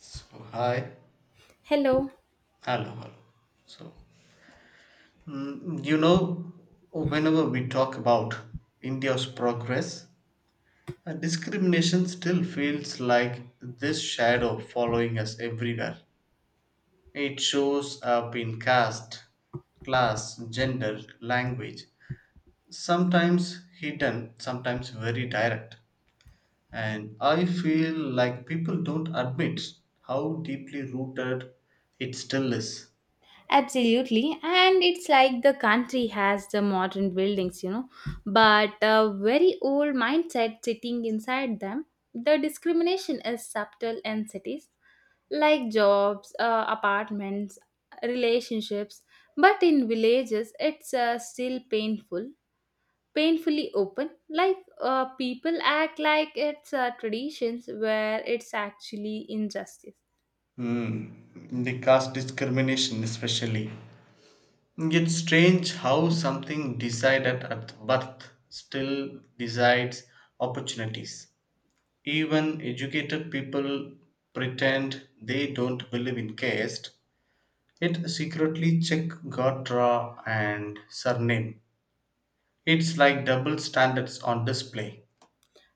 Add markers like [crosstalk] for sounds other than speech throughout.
So hi, Hello. hello, hello. So Mm, you know, whenever we talk about India's progress, discrimination still feels like this shadow following us everywhere. It shows up in caste, class, gender, language, sometimes hidden, sometimes very direct. And I feel like people don't admit how deeply rooted it still is. Absolutely. And it's like the country has the modern buildings, but a very old mindset sitting inside them. The discrimination is subtle in cities, like jobs, apartments, relationships, but in villages, it's still painfully open. Like people act like it's traditions where it's actually injustice. Hmm, the caste discrimination, especially. It's strange how something decided at birth still decides opportunities. Even educated people pretend they don't believe in caste, yet secretly check gotra and surname. It's like double standards on display.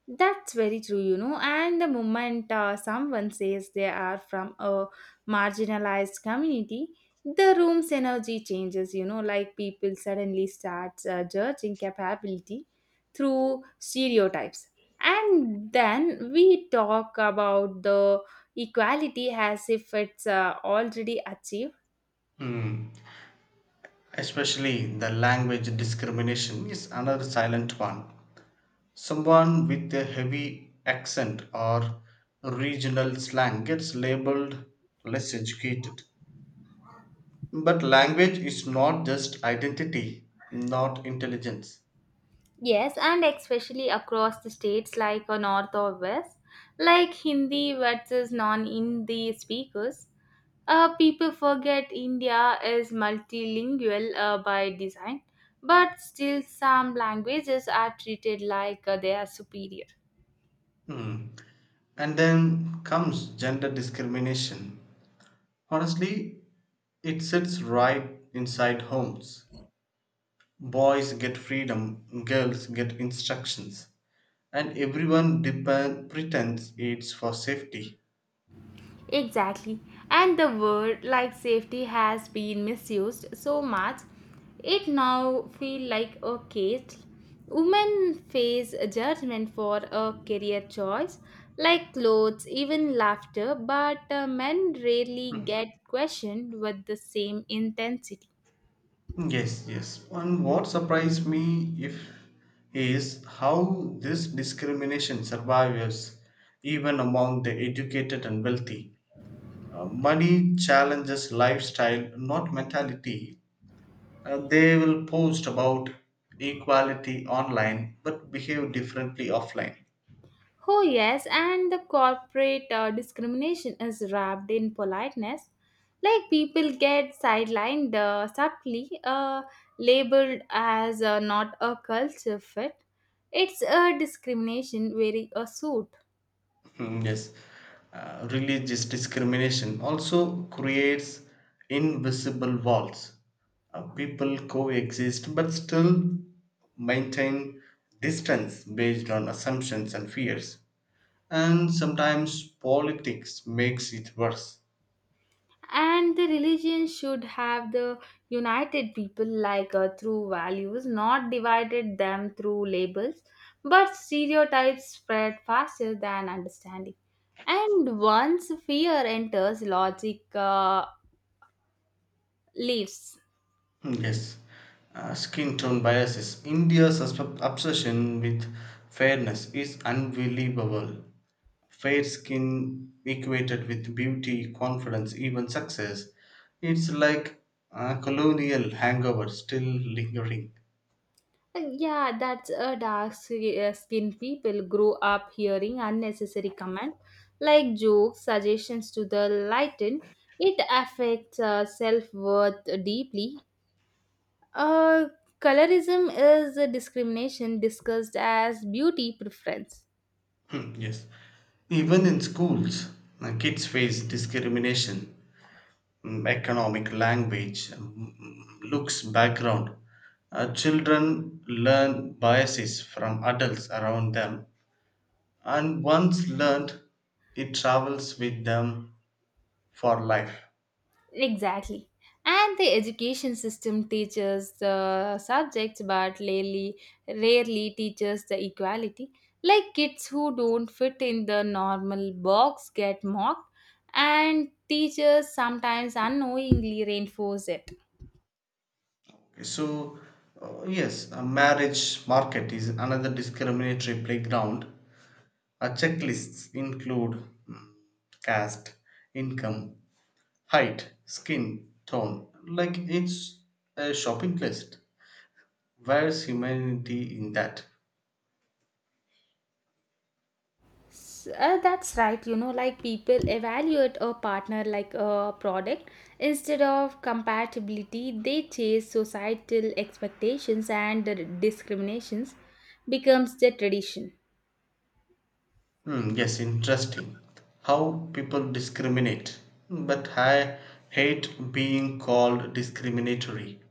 That's very true. And the moment someone says they are from a marginalized community, the room's energy changes, like people suddenly start judging capability through stereotypes. And then we talk about the equality as if it's already achieved. Hmm, Especially the language discrimination is another silent one. Someone with a heavy accent or regional slang gets labeled less educated. But language is not just identity, not intelligence. Yes, and especially across the states like North or West, like Hindi versus non Hindi speakers. People forget India is multilingual by design, but still some languages are treated like they are superior. Hmm. And then comes gender discrimination. Honestly, it sits right inside homes. Boys get freedom, girls get instructions, and everyone pretends it's for safety. Exactly. And the word like safety has been misused so much, it now feel like a case. Women face a judgment for a career choice, like clothes, even laughter, but men rarely get questioned with the same intensity. Yes, yes. And what surprised me if is how this discrimination survives even among the educated and wealthy. Money challenges lifestyle, not mentality. They will post about equality online but behave differently offline. Oh, yes, and the corporate discrimination is wrapped in politeness. Like people get sidelined subtly, labeled as not a culture fit. It's a discrimination wearing a suit. Mm, yes, religious discrimination also creates invisible walls. People coexist but still maintain distance based on assumptions and fears. And sometimes politics makes it worse. And the religion should have the united people like through values, not divided them through labels, but stereotypes spread faster than understanding, and once fear enters, logic leaves. Mm, yes, skin tone biases. India's obsession with fairness is unbelievable. Fair skin equated with beauty, confidence, even success. It's like a colonial hangover still lingering. Yeah, that's a dark skin people grew up hearing unnecessary comments like jokes, suggestions to the lighten. It affects self-worth deeply. Uh, Colorism is a discrimination discussed as beauty preference. Hmm, yes, even in schools, kids face discrimination. Economic language looks background. Children learn biases from adults around them, and once learned it travels with them for life. Exactly. And the education system teaches the subjects but rarely teaches the equality. Like kids who don't fit in the normal box get mocked, and teachers sometimes unknowingly reinforce it. Okay, so yes, a marriage market is another discriminatory playground. Checklists include mm, caste, income, height, skin tone, like it's a shopping list. Where's humanity in that? That's right. Like people evaluate a partner like a product. Instead of compatibility, they chase societal expectations, and the discriminations becomes the tradition. Hmm, yes, interesting. How people discriminate. But I hate being called discriminatory.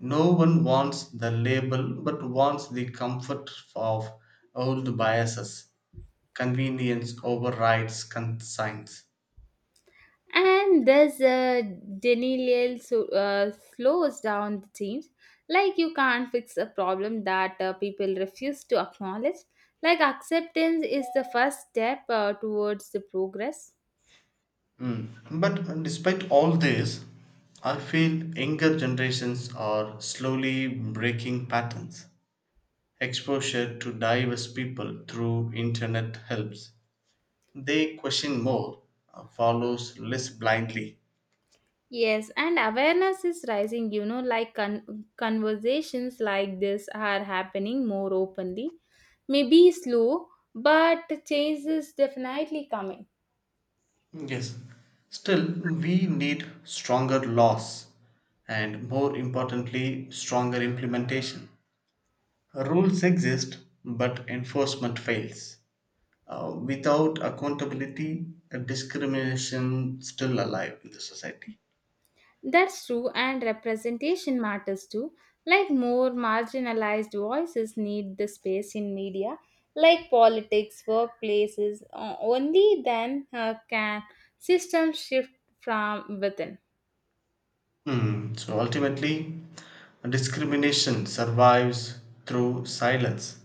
No one wants the label but wants the comfort of old biases. Convenience overrides conscience. And thus, denial so, slows down the change. Like you can't fix a problem that people refuse to acknowledge. Like acceptance is the first step towards the progress. Mm. But despite all this, I feel younger generations are slowly breaking patterns. Exposure to diverse people through internet helps. They question more, follows less blindly. Yes, and awareness is rising, like conversations like this are happening more openly. Maybe slow, but change is definitely coming. Yes. Still, we need stronger laws and, more importantly, stronger implementation. Rules exist, but enforcement fails. Without accountability, discrimination still alive in the society. That's true, and representation matters too. Like more marginalized voices need the space in media, like politics, workplaces. Only then can systems shift from within. So ultimately, discrimination survives through silence.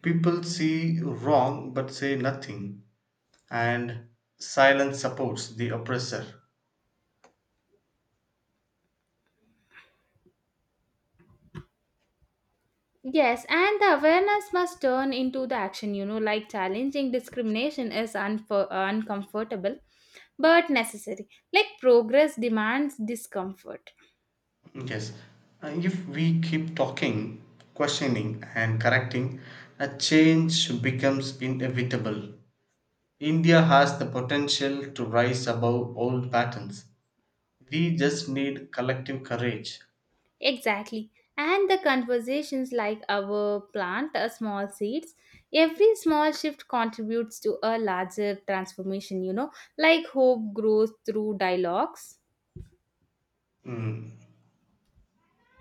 People see wrong but say nothing, and silence supports the oppressor. Yes, and the awareness must turn into the action, like challenging discrimination is uncomfortable but necessary. Like progress demands discomfort. Yes, if we keep talking, questioning, and correcting, a change becomes inevitable. India has the potential to rise above old patterns. We just need collective courage. Exactly. And the conversations like our plant a small seeds, every small shift contributes to a larger transformation, like hope grows through dialogues. Mm.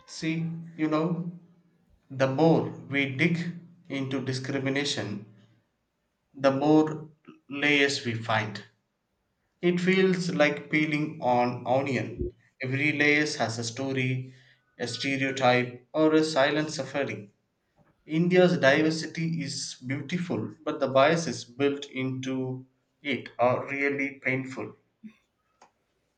See, you know, the more we dig into discrimination, the more layers we find. It feels like peeling an onion. Every layer has a story, a stereotype, or a silent suffering. India's diversity is beautiful, but the biases built into it are really painful.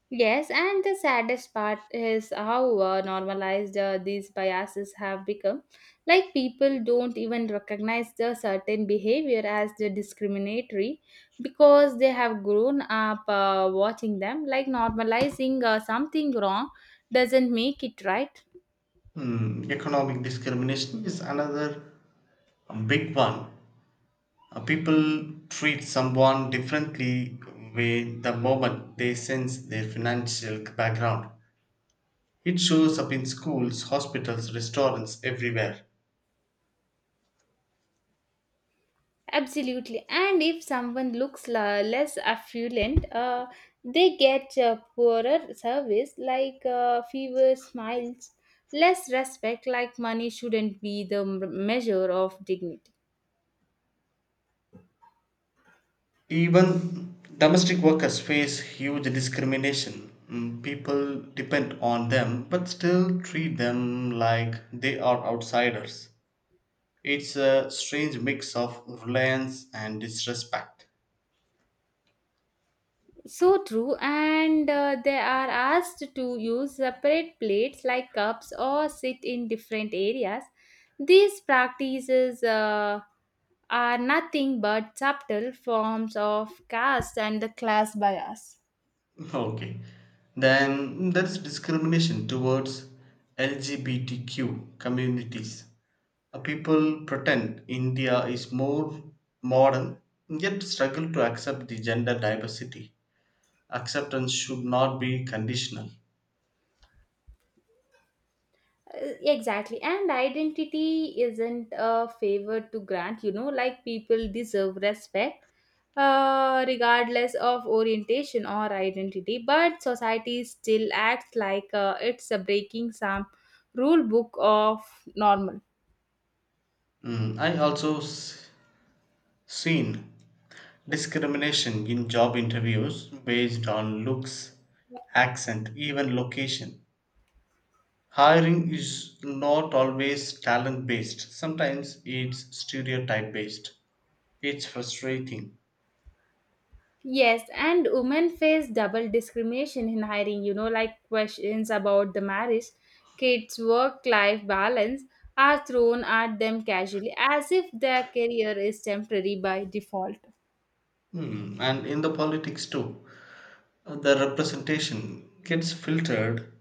Yes, and the saddest part is how normalized these biases have become. Like people don't even recognize the certain behavior as the discriminatory because they have grown up watching them. Like normalizing something wrong doesn't make it right. Economic discrimination is another big one. People treat someone differently with the moment they sense their financial background. It shows up in schools, hospitals, restaurants, everywhere. Absolutely. And if someone looks less affluent, they get a poorer service like fewer smiles, less respect, like money shouldn't be the measure of dignity. Even domestic workers face huge discrimination. People depend on them but still treat them like they are outsiders. It's a strange mix of reliance and disrespect. So true. And they are asked to use separate plates like cups, or sit in different areas. These practices are nothing but subtle forms of caste and the class bias. [laughs] Okay. Then there's discrimination towards LGBTQ communities. People pretend India is more modern yet struggle to accept the gender diversity. Acceptance should not be conditional. Exactly, and identity isn't a favor to grant. Like people deserve respect regardless of orientation or identity, but society still acts like it's a breaking some rule book of normal. I also seen discrimination in job interviews based on looks, accent, even location. Hiring is not always talent based, sometimes it's stereotype based. It's frustrating. Yes, and women face double discrimination in hiring, like questions about the marriage, kids' work life balance are thrown at them casually as if their career is temporary by default. And in the politics too, the representation gets filtered.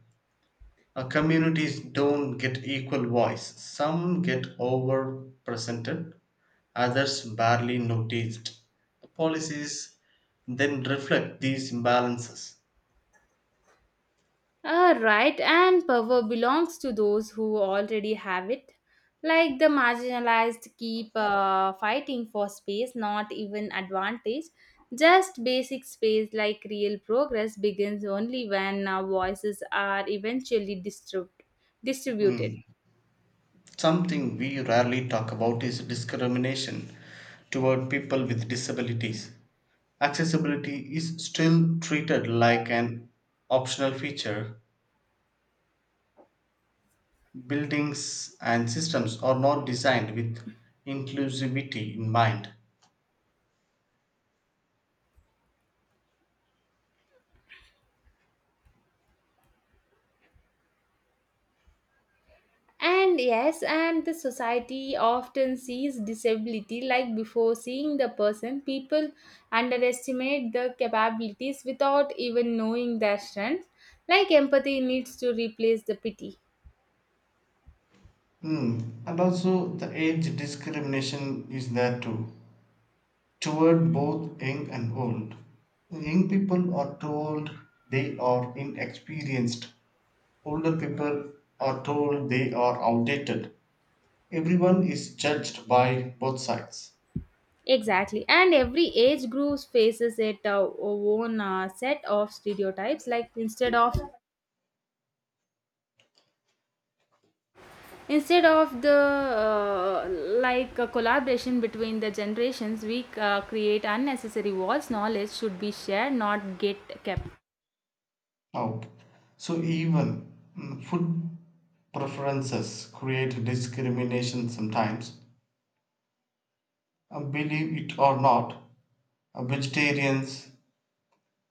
Communities don't get equal voice. Some get overrepresented, others barely noticed. Policies then reflect these imbalances. Ah, right, and power belongs to those who already have it. Like the marginalized keep fighting for space, not even advantage. Just basic space, like real progress, begins only when voices are eventually distributed. Mm. Something we rarely talk about is discrimination toward people with disabilities. Accessibility is still treated like an optional feature. Buildings and systems are not designed with inclusivity in mind. And yes, and the society often sees disability like before seeing the person. People underestimate the capabilities without even knowing their strengths. Like empathy needs to replace the pity. Hmm. And also, the age discrimination is there too, toward both young and old. Young people are told they are inexperienced, older people are told they are outdated. Everyone is judged by both sides. Exactly. And every age group faces it own set of stereotypes. Like instead of the like a collaboration between the generations, we create unnecessary walls. Knowledge should be shared, not get kept. Out. So, even food preferences create discrimination sometimes. Believe it or not, vegetarians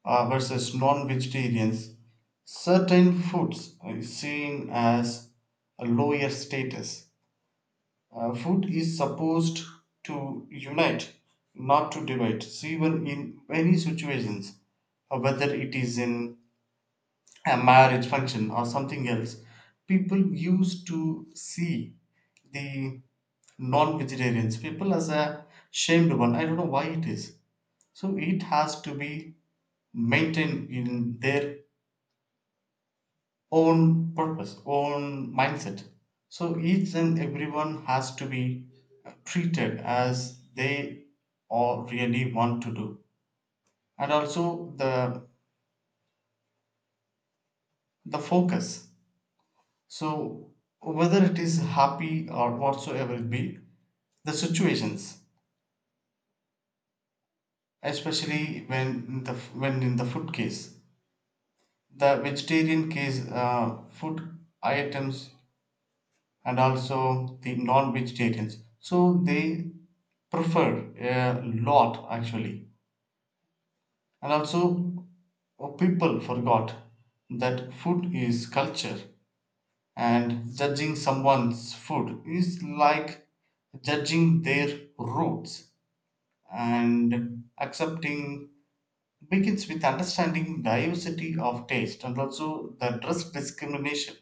versus non vegetarians, certain foods is seen as a lower status. Food is supposed to unite, not to divide. So, even in many situations, whether it is in a marriage function or something else, people used to see the non-vegetarians people as a shamed one. I don't know why it is, so it has to be maintained in their own purpose, own mindset. So each and everyone has to be treated as they all really want to do, and also the focus. So whether it is happy or whatsoever it be, the situations, especially when in the food case, the vegetarian case, food items and also the non-vegetarians. So they preferred a lot actually. And also people forgot that food is culture, and judging someone's food is like judging their roots, and accepting begins with understanding diversity of taste. And also the dress discrimination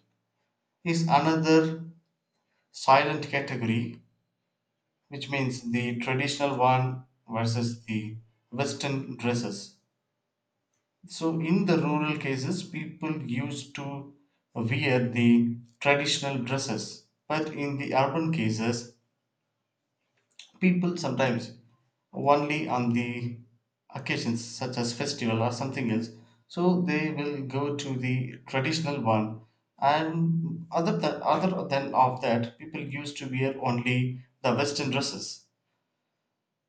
is another silent category, which means the traditional one versus the western dresses. So in the rural cases people used to wear the traditional dresses, but in the urban cases people sometimes, only on the occasions such as festival or something else, so they will go to the traditional one, and other than of that people used to wear only the western dresses.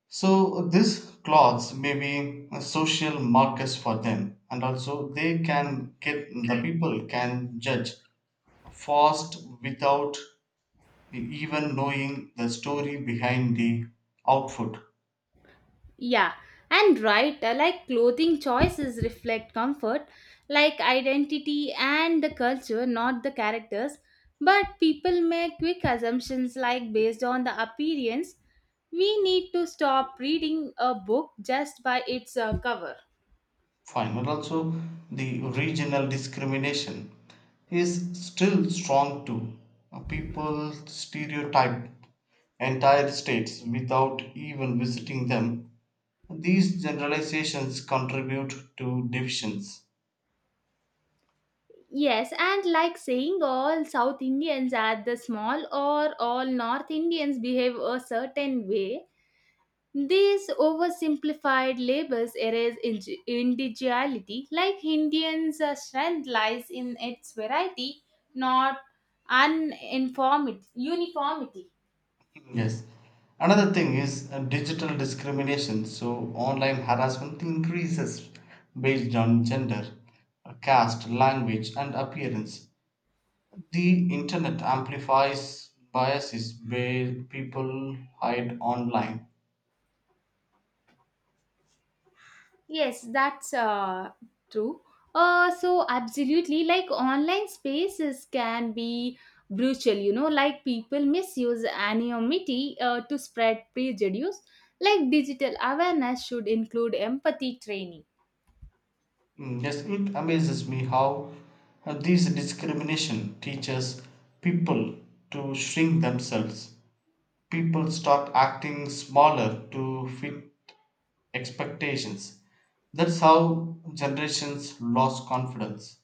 So these clothes may be social markers for them, and also they can get the people can judge fast without even knowing the story behind the output. Yeah, and right, like clothing choices reflect comfort, like identity and the culture, not the characters. But people make quick assumptions like based on the appearance. We need to stop reading a book just by its cover. Fine, but also the regional discrimination is still strong too. People stereotype entire states without even visiting them. These generalizations contribute to divisions. Yes, and like saying all South Indians are the small or all North Indians behave a certain way. These oversimplified labels erase individuality, like Indians' strength lies in its variety, not uniformity. Yes. Another thing is digital discrimination. So online harassment increases based on gender, caste, language, and appearance. The internet amplifies biases where people hide online. Yes, that's true. So absolutely, like online spaces can be brutal, like people misuse anonymity to spread prejudice. Like digital awareness should include empathy training. Mm, yes, it amazes me how this discrimination teaches people to shrink themselves. People start acting smaller to fit expectations. That's how generations lost confidence.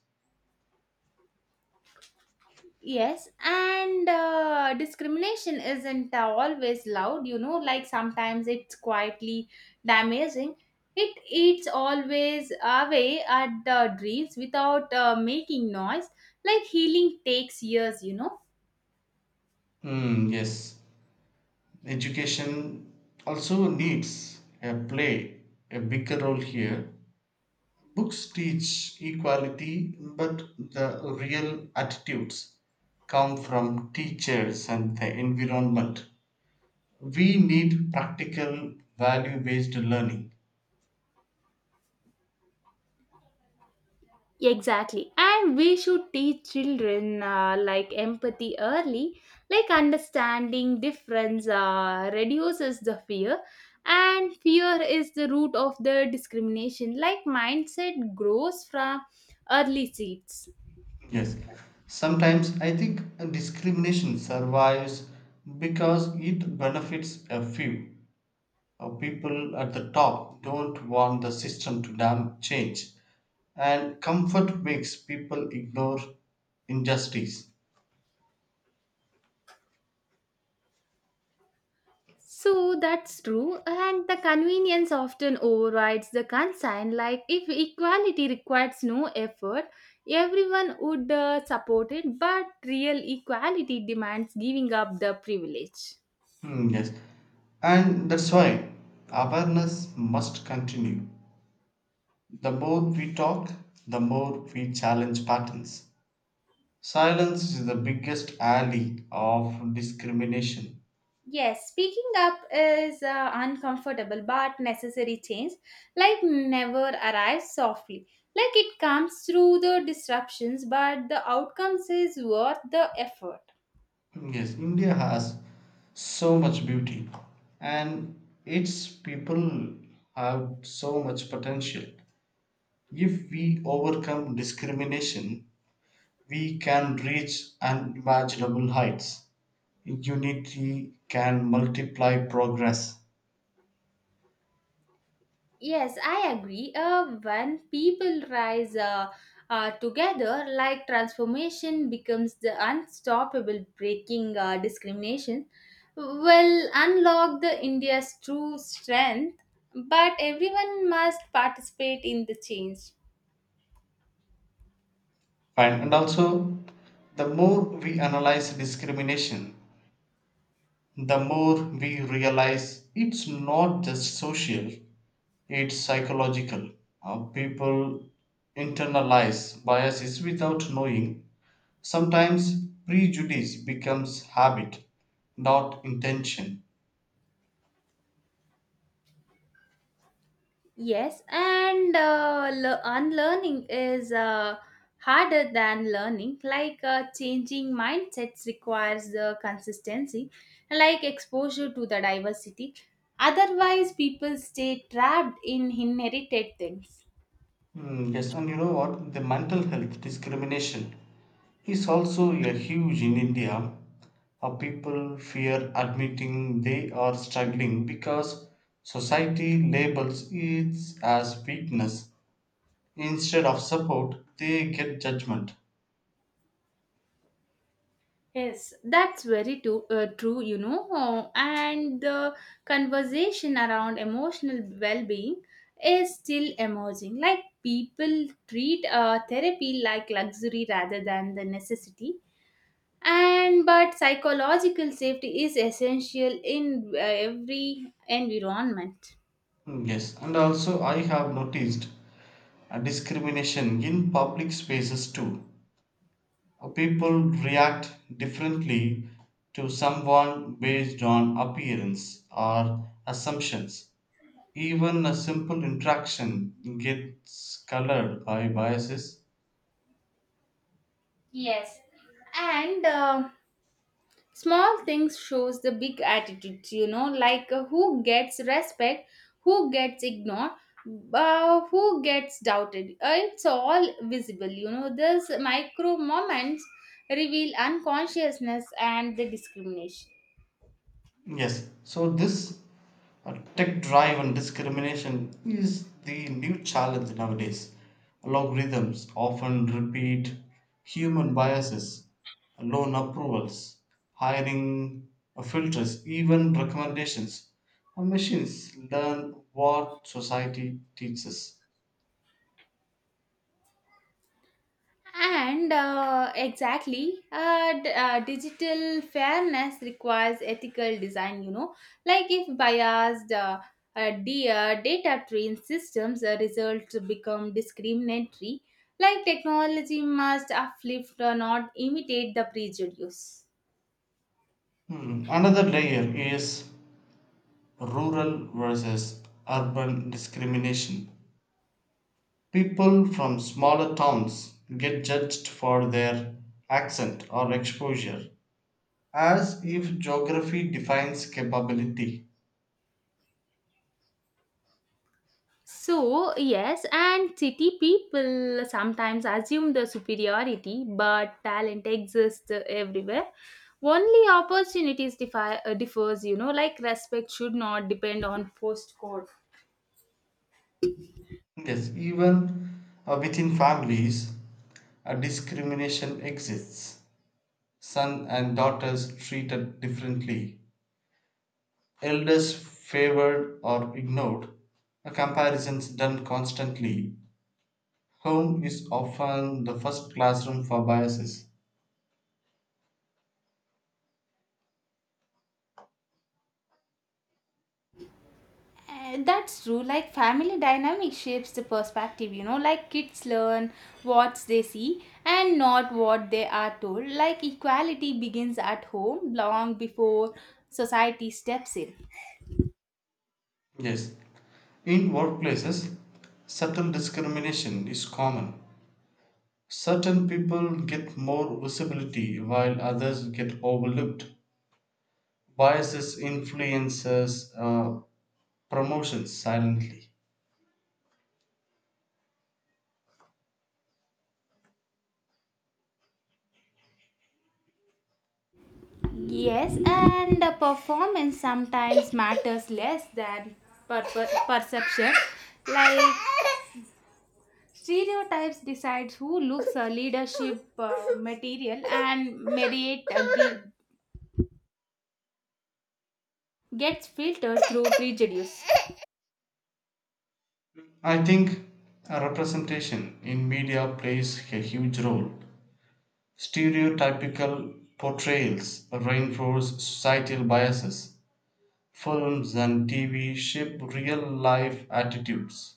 Yes, and discrimination isn't always loud, like sometimes it's quietly damaging. It eats always away at the dreams without making noise. Like healing takes years. Hmm. Yes, education also needs a play a bigger role here. Books teach equality, but the real attitudes come from teachers and the environment. We need practical, value based learning. Exactly. And we should teach children like empathy early, like understanding difference reduces the fear. And fear is the root of the discrimination, like mindset grows from early seeds. Yes. Sometimes I think discrimination survives because it benefits a few. People at the top don't want the system to change, and comfort makes people ignore injustice. So that's true, and the convenience often overrides the concern. Like, if equality requires no effort, everyone would support it, but real equality demands giving up the privilege. Hmm, yes. And that's why awareness must continue. The more we talk, the more we challenge patterns. Silence is the biggest ally of discrimination. Yes, speaking up is uncomfortable but necessary change. Like never arrives softly. Like it comes through the disruptions, but the outcomes is worth the effort. Yes, India has so much beauty and its people have so much potential. If we overcome discrimination, we can reach unimaginable heights. Unity can multiply progress. Yes, I agree. When people rise together, like transformation becomes the unstoppable breaking discrimination, will unlock the India's true strength. But everyone must participate in the change. Fine. And also, the more we analyze discrimination, the more we realize it's not just social, it's psychological. People internalize biases without knowing. Sometimes prejudice becomes habit, not intention. Yes, and unlearning is harder than learning. Like changing mindsets requires the consistency, like exposure to the diversity. Otherwise, people stay trapped in inherited things. Mm, yes, and you know what? The mental health discrimination is also a huge in India. People fear admitting they are struggling because society labels it as weakness. Instead of support, they get judgment. Yes, that's very too, true. And the conversation around emotional well being is still emerging. Like people treat therapy like luxury rather than the necessity. And but psychological safety is essential in every environment. Mm, yes, and also I have noticed a discrimination in public spaces too. People react differently to someone based on appearance or assumptions. Even a simple interaction gets colored by biases. Yes, and small things shows the big attitudes. Like who gets respect, who gets ignored, who gets doubted. It's all visible, these micro moments reveal unconsciousness and the discrimination. Yes, so this Tech drive and discrimination is the new challenge nowadays. Algorithms often repeat human biases, loan approvals, hiring filters, even recommendations. And machines learn what society teaches. And exactly, digital fairness requires ethical design, like if biased data trained systems results become discriminatory, like technology must uplift, not imitate the prejudice. Another layer is rural versus urban discrimination. People from smaller towns get judged for their accent or exposure, as if geography defines capability. So, yes, and city people sometimes assume the superiority, but talent exists everywhere. Only opportunities differs, like respect should not depend on postcode. Yes, even within families, a discrimination exists. Son and daughters treated differently, elders favored or ignored, a comparisons done constantly. Home is often the first classroom for biases. That's true. Like family dynamic shapes the perspective, like kids learn what they see and not what they are told. Like equality begins at home long before society steps in. Yes, in workplaces, subtle discrimination is common. Certain people get more visibility while others get overlooked. Biases influences promotions silently. Yes, and the performance sometimes matters less than perception. Like stereotypes decides who looks a leadership material, and merit gets filtered through prejudice. I think representation in media plays a huge role. Stereotypical portrayals reinforce societal biases. Films and TV shape real life attitudes.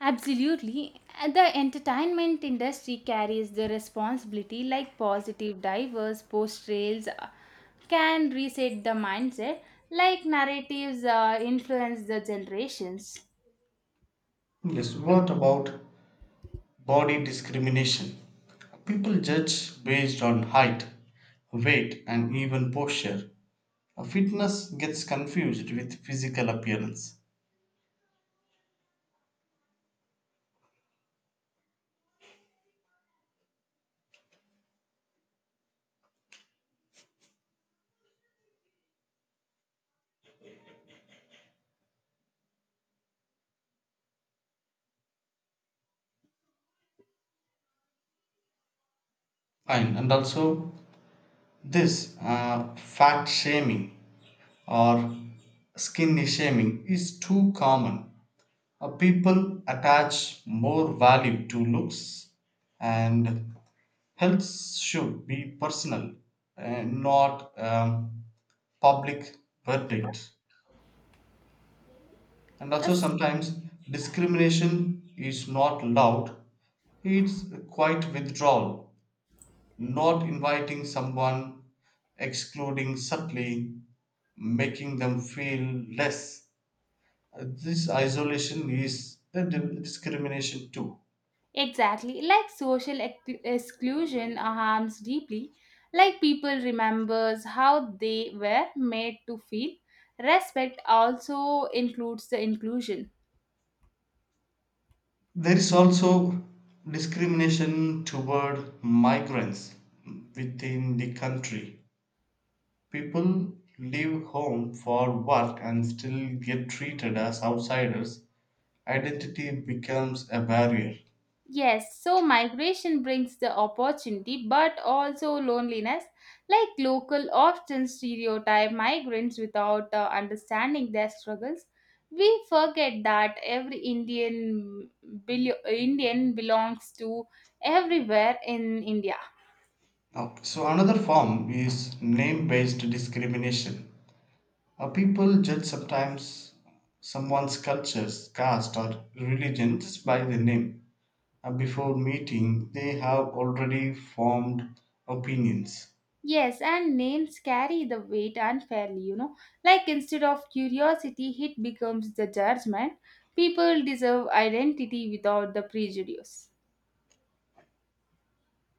Absolutely. The entertainment industry carries the responsibility, like positive diverse portrayals can reset the mindset, like narratives influence the generations. Yes, what about body discrimination? People judge based on height, weight, and even posture. Fitness gets confused with physical appearance. And also, this fat shaming or skinny shaming is too common. People attach more value to looks, and health should be personal and not public verdict. And also, Yes, sometimes discrimination is not loud, it's quite withdrawal, not inviting someone, excluding subtly, making them feel less. This isolation is a discrimination too. exactly. Like social exclusion harms deeply. Like people remembers how they were made to feel. Respect also includes the inclusion. There is also discrimination toward migrants within the country. People leave home for work and still get treated as outsiders. Identity becomes a barrier. Yes, so migration brings the opportunity but also loneliness. Like local often stereotype migrants without understanding their struggles. We forget that every Indian belongs to everywhere in India. Now, so another form is name-based discrimination. People judge sometimes someone's cultures, caste, or religion just by the name. Before meeting, they have already formed opinions. Yes, and names carry the weight unfairly. Like instead of curiosity, it becomes the judgment. People deserve identity without the prejudice.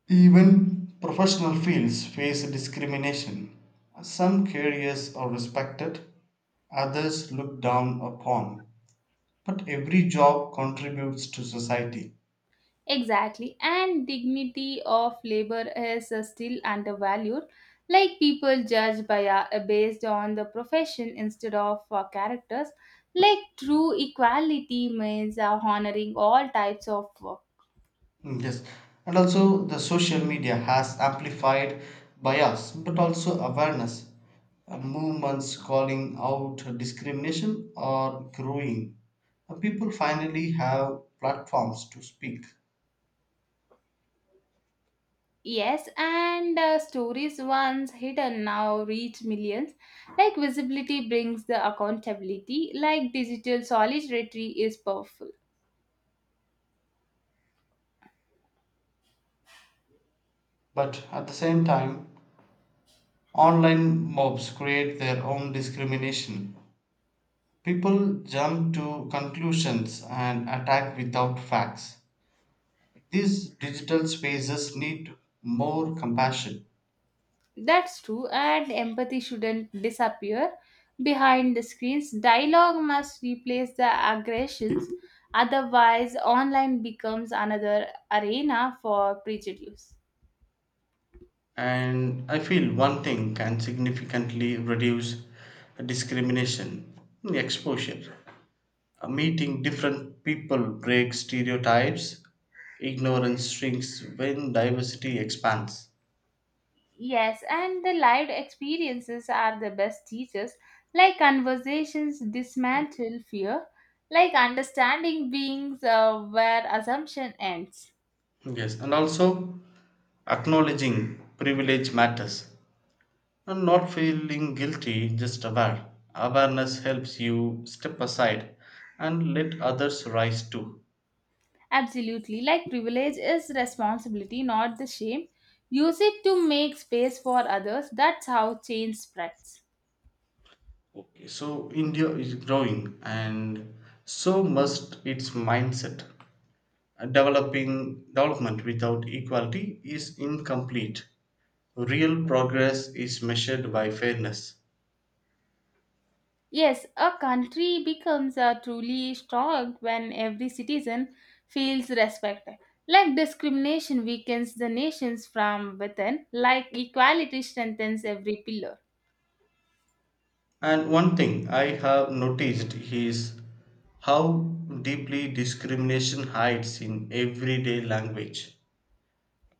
Even professional fields face discrimination. Some careers are respected, others looked down upon. But every job contributes to society. Exactly, and dignity of labor is still undervalued. Like people judge by based on the profession instead of characters. Like true equality means honoring all types of work. Mm, yes, and also the social media has amplified bias, but also awareness. Movements calling out discrimination are growing. People finally have platforms to speak. Yes, and stories once hidden now reach millions. Like visibility brings the accountability. Like digital solidarity is powerful. But at the same time, online mobs create their own discrimination. People jump to conclusions and attack without facts. These digital spaces need more compassion. That's true, and empathy shouldn't disappear behind the screens. Dialogue must replace the aggressions, otherwise, online becomes another arena for prejudice. And I feel one thing can significantly reduce discrimination exposure. Meeting different people breaks stereotypes, ignorance shrinks when diversity expands. Yes, and the lived experiences are the best teachers, like conversations dismantle fear, like understanding beings where assumption ends. Yes, and also acknowledging privilege matters and not feeling guilty, just aware. Awareness helps you step aside and let others rise too. Absolutely. Like privilege is responsibility, not the shame. Use it to make space for others. That's how change spreads. So India is growing and so must its mindset. Developing development without equality is incomplete. Real progress is measured by fairness. Yes, a country becomes a truly strong when every citizen feels respected. Like discrimination weakens the nations from within, like equality strengthens every pillar. And one thing I have noticed is how deeply discrimination hides in everyday language.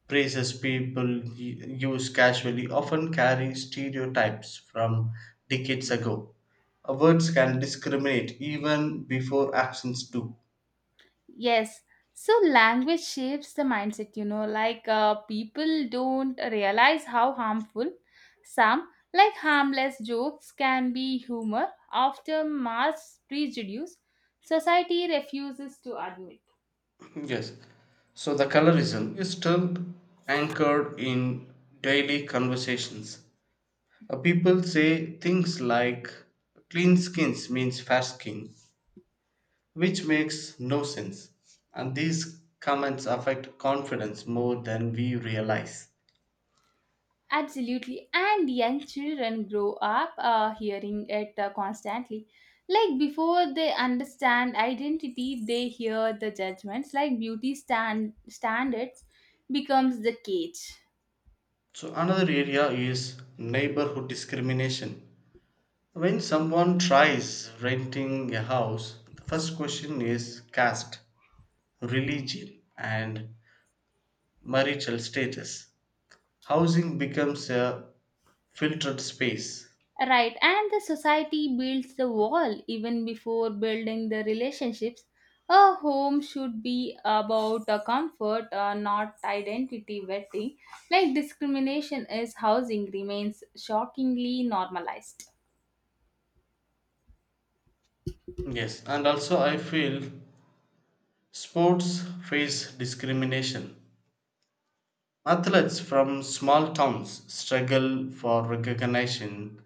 Phrases people use casually often carry stereotypes from decades ago. Words can discriminate even before actions do. Yes. So language shapes the mindset, like people don't realize how harmful some like harmless jokes can be humor after mass prejudice society refuses to admit. [laughs] Yes. So the colorism is still anchored in daily conversations. People say things like clean skins means fair skin, which makes no sense. And these comments affect confidence more than we realize. Absolutely. And young children grow up hearing it constantly. Like before they understand identity, they hear the judgments like beauty standards becomes the cage. So another area is neighborhood discrimination. When someone tries renting a house, the first question is caste, religion, and marital status. Housing becomes a filtered space. Right, and the society builds the wall even before building the relationships. A home should be about the comfort, not identity vetting. Like discrimination is housing remains shockingly normalized. Yes, and also I feel sports face discrimination. Athletes from small towns struggle for recognition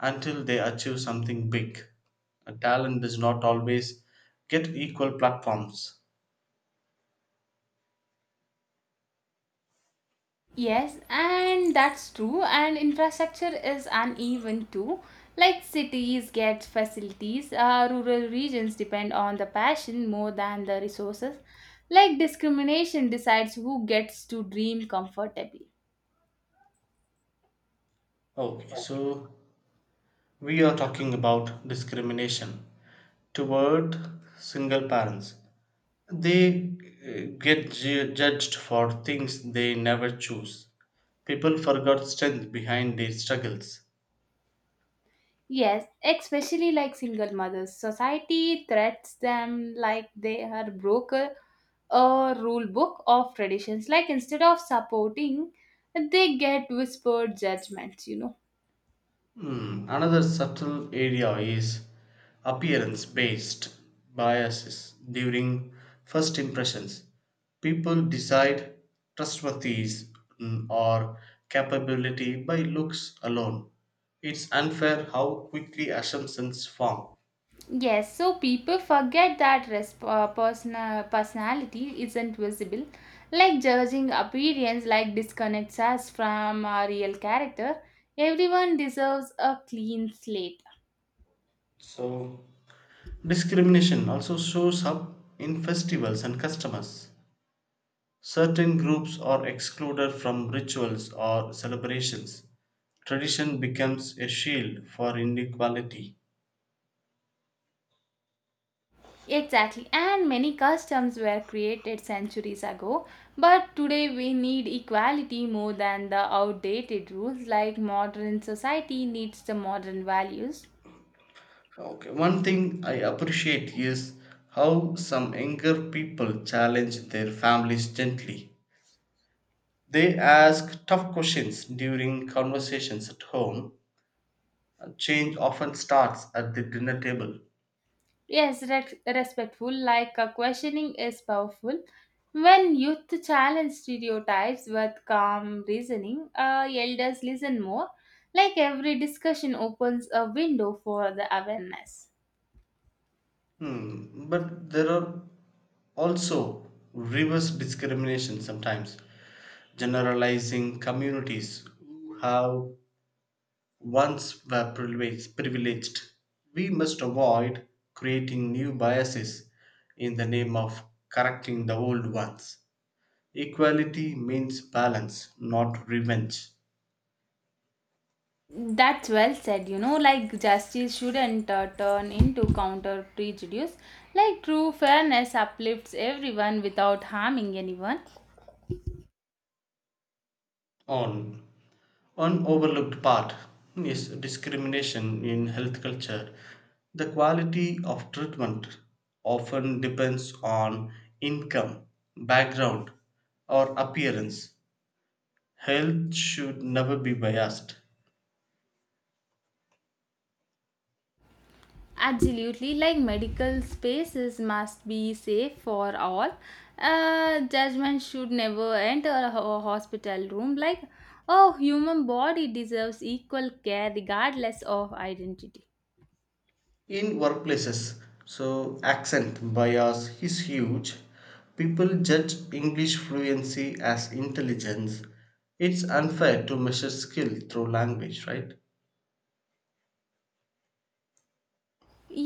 until they achieve something big. A talent does not always get equal platforms. Yes, and that's true. And infrastructure is uneven too. Like cities get facilities, rural regions depend on the passion more than the resources. Like discrimination decides who gets to dream comfortably. Okay, so we are talking about discrimination toward single parents. They judged for things they never choose. People forgot strength behind their struggles. Yes, especially like single mothers. Society threats them like they are broker a rule book of traditions. Like instead of supporting, they get whispered judgments. Hmm. Another subtle area is appearance based biases during first impressions. People decide trustworthiness or capability by looks alone. It's unfair how quickly assumptions form. Yes, so people forget that personality isn't visible. Like judging appearance, like disconnects us from our real character. Everyone deserves a clean slate. So, discrimination also shows up in festivals and customers. Certain groups are excluded from rituals or celebrations. Tradition becomes a shield for inequality. Exactly, and many customs were created centuries ago, but today we need equality more than the outdated rules. Like modern society needs the modern values. Okay, one thing I appreciate is how some younger people challenge their families gently. They ask tough questions during conversations at home. Change often starts at the dinner table. Yes, respectful, like questioning is powerful. When youth challenge stereotypes with calm reasoning, elders listen more. Like every discussion opens a window for the awareness. Hmm, but there are also reverse discrimination sometimes. Generalizing communities who have once were privileged. We must avoid creating new biases in the name of correcting the old ones. Equality means balance, not revenge. That's well said. Like justice shouldn't turn into counter prejudice. Like true fairness uplifts everyone without harming anyone. On one overlooked part is discrimination in health culture. The quality of treatment often depends on income, background, or appearance. Health should never be biased. Absolutely, like medical spaces must be safe for all. Judgment should never enter a hospital room. Like, oh, human body deserves equal care regardless of identity. In workplaces, so accent bias is huge. People judge English fluency as intelligence. It's unfair to measure skill through language, right?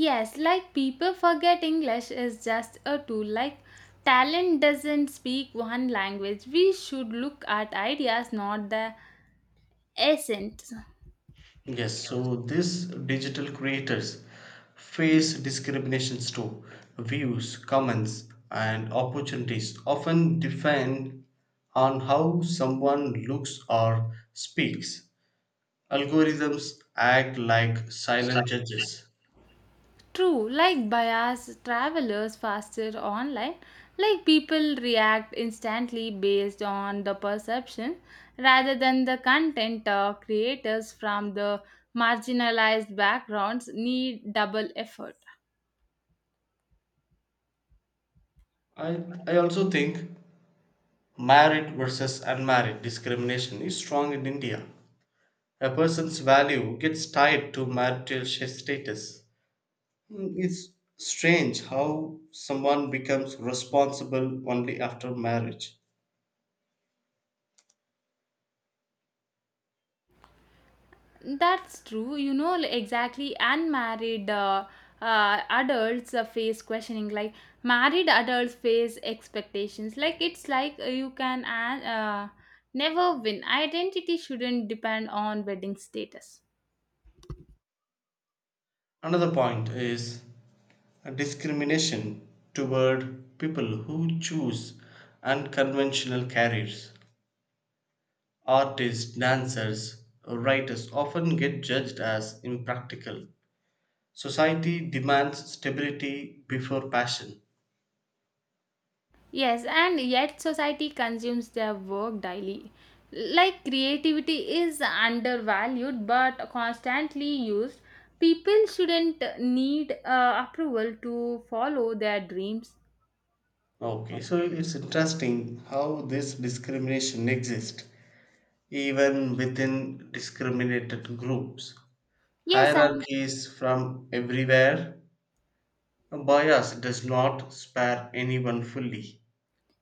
Yes, like people forget English is just a tool. Like, talent doesn't speak one language. We should look at ideas, not the accent. Yes, so these digital creators face discriminations too. Views, comments, and opportunities often depend on how someone looks or speaks. Algorithms act like silent judges. True, like bias, travelers faster online, like people react instantly based on the perception rather than the content creators from the marginalized backgrounds need double effort. I also think married versus unmarried discrimination is strong in India. A person's value gets tied to status. It's strange how someone becomes responsible only after marriage. That's true. Exactly. Unmarried adults face questioning. Like married adults face expectations. Like it's like you can never win. Identity shouldn't depend on wedding status. Another point is a discrimination toward people who choose unconventional careers. Artists, dancers, writers often get judged as impractical. Society demands stability before passion. Yes, and yet society consumes their work daily. Like creativity is undervalued but constantly used. People shouldn't need approval to follow their dreams. Okay, so it's interesting how this discrimination exists even within discriminated groups. Yes, I Hierarchies from everywhere. Bias does not spare anyone fully.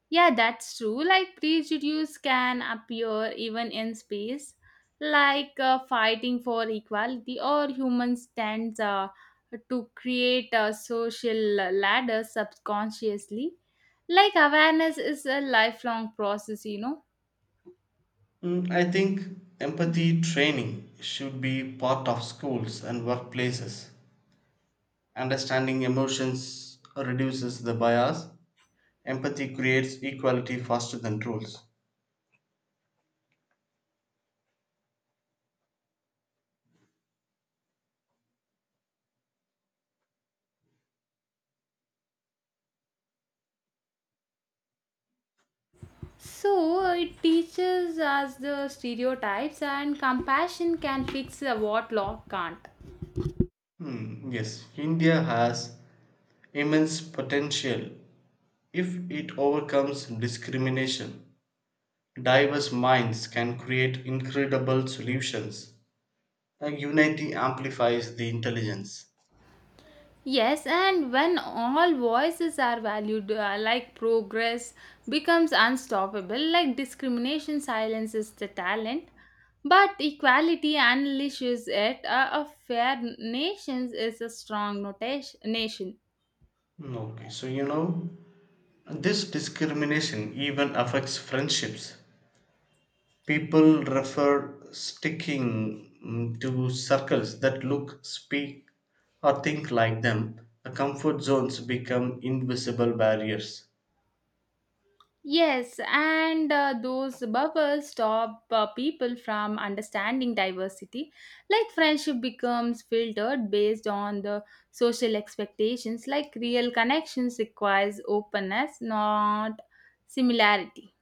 Yeah, that's true. Like prejudice can appear even in space, like fighting for equality, or humans tend to create social ladders subconsciously. Like awareness is a lifelong process. I think empathy training should be part of schools and workplaces. Understanding emotions reduces the bias. Empathy creates equality faster than rules. So it teaches us the stereotypes, and compassion can fix what law can't. Hmm, yes, India has immense potential. If it overcomes discrimination, diverse minds can create incredible solutions. Unity amplifies the intelligence. Yes, and when all voices are valued, like progress becomes unstoppable, like discrimination silences the talent, but equality unleashes it. A fair nation is a strong nation. Hmm. Okay, so you know, this discrimination even affects friendships. People refer sticking to circles that look, speak, or think like them, the comfort zones become invisible barriers. Yes, and those bubbles stop people from understanding diversity. Like friendship becomes filtered based on the social expectations. Like real connections requires openness, not similarity.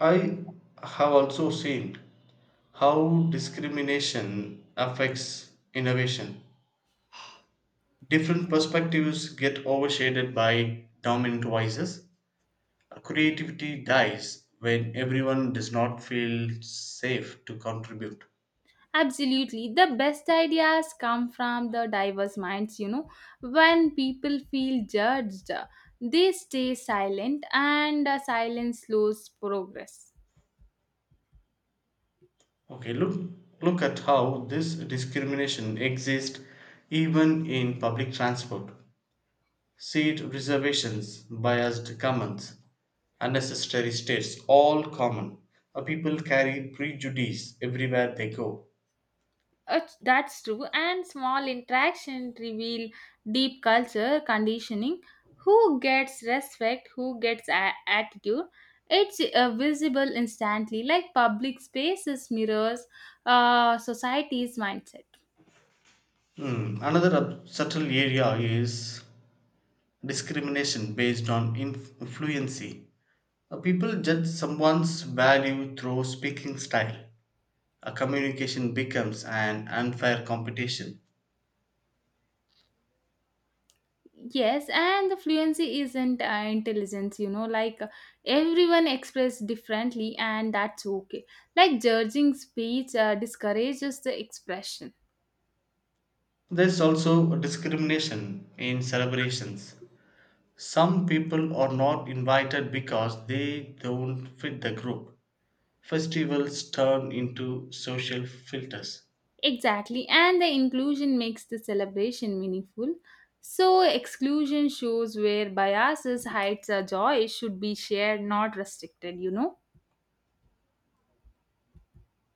I have also seen how discrimination affects innovation. Different perspectives get overshaded by dominant voices. Creativity dies when everyone does not feel safe to contribute. Absolutely. The best ideas come from the diverse minds. When people feel judged, they stay silent and silence slows progress. Okay, look at how this discrimination exists even in public transport. Seat reservations, biased comments, unnecessary states, all common. People carry prejudice everywhere they go. That's true. And small interaction reveal deep culture conditioning. Who gets respect? Who gets attitude? It's visible instantly, like public spaces mirrors society's mindset. Hmm. Another subtle area is discrimination based on fluency. People judge someone's value through speaking style. A communication becomes an unfair competition. Yes, and the fluency isn't intelligence, you know, like everyone express differently, and that's okay. Like judging speech discourages the expression. There is also discrimination in celebrations. Some people are not invited because they don't fit the group. Festivals turn into social filters. Exactly, and the inclusion makes the celebration meaningful. So, exclusion shows where biases hides a joy should be shared, not restricted.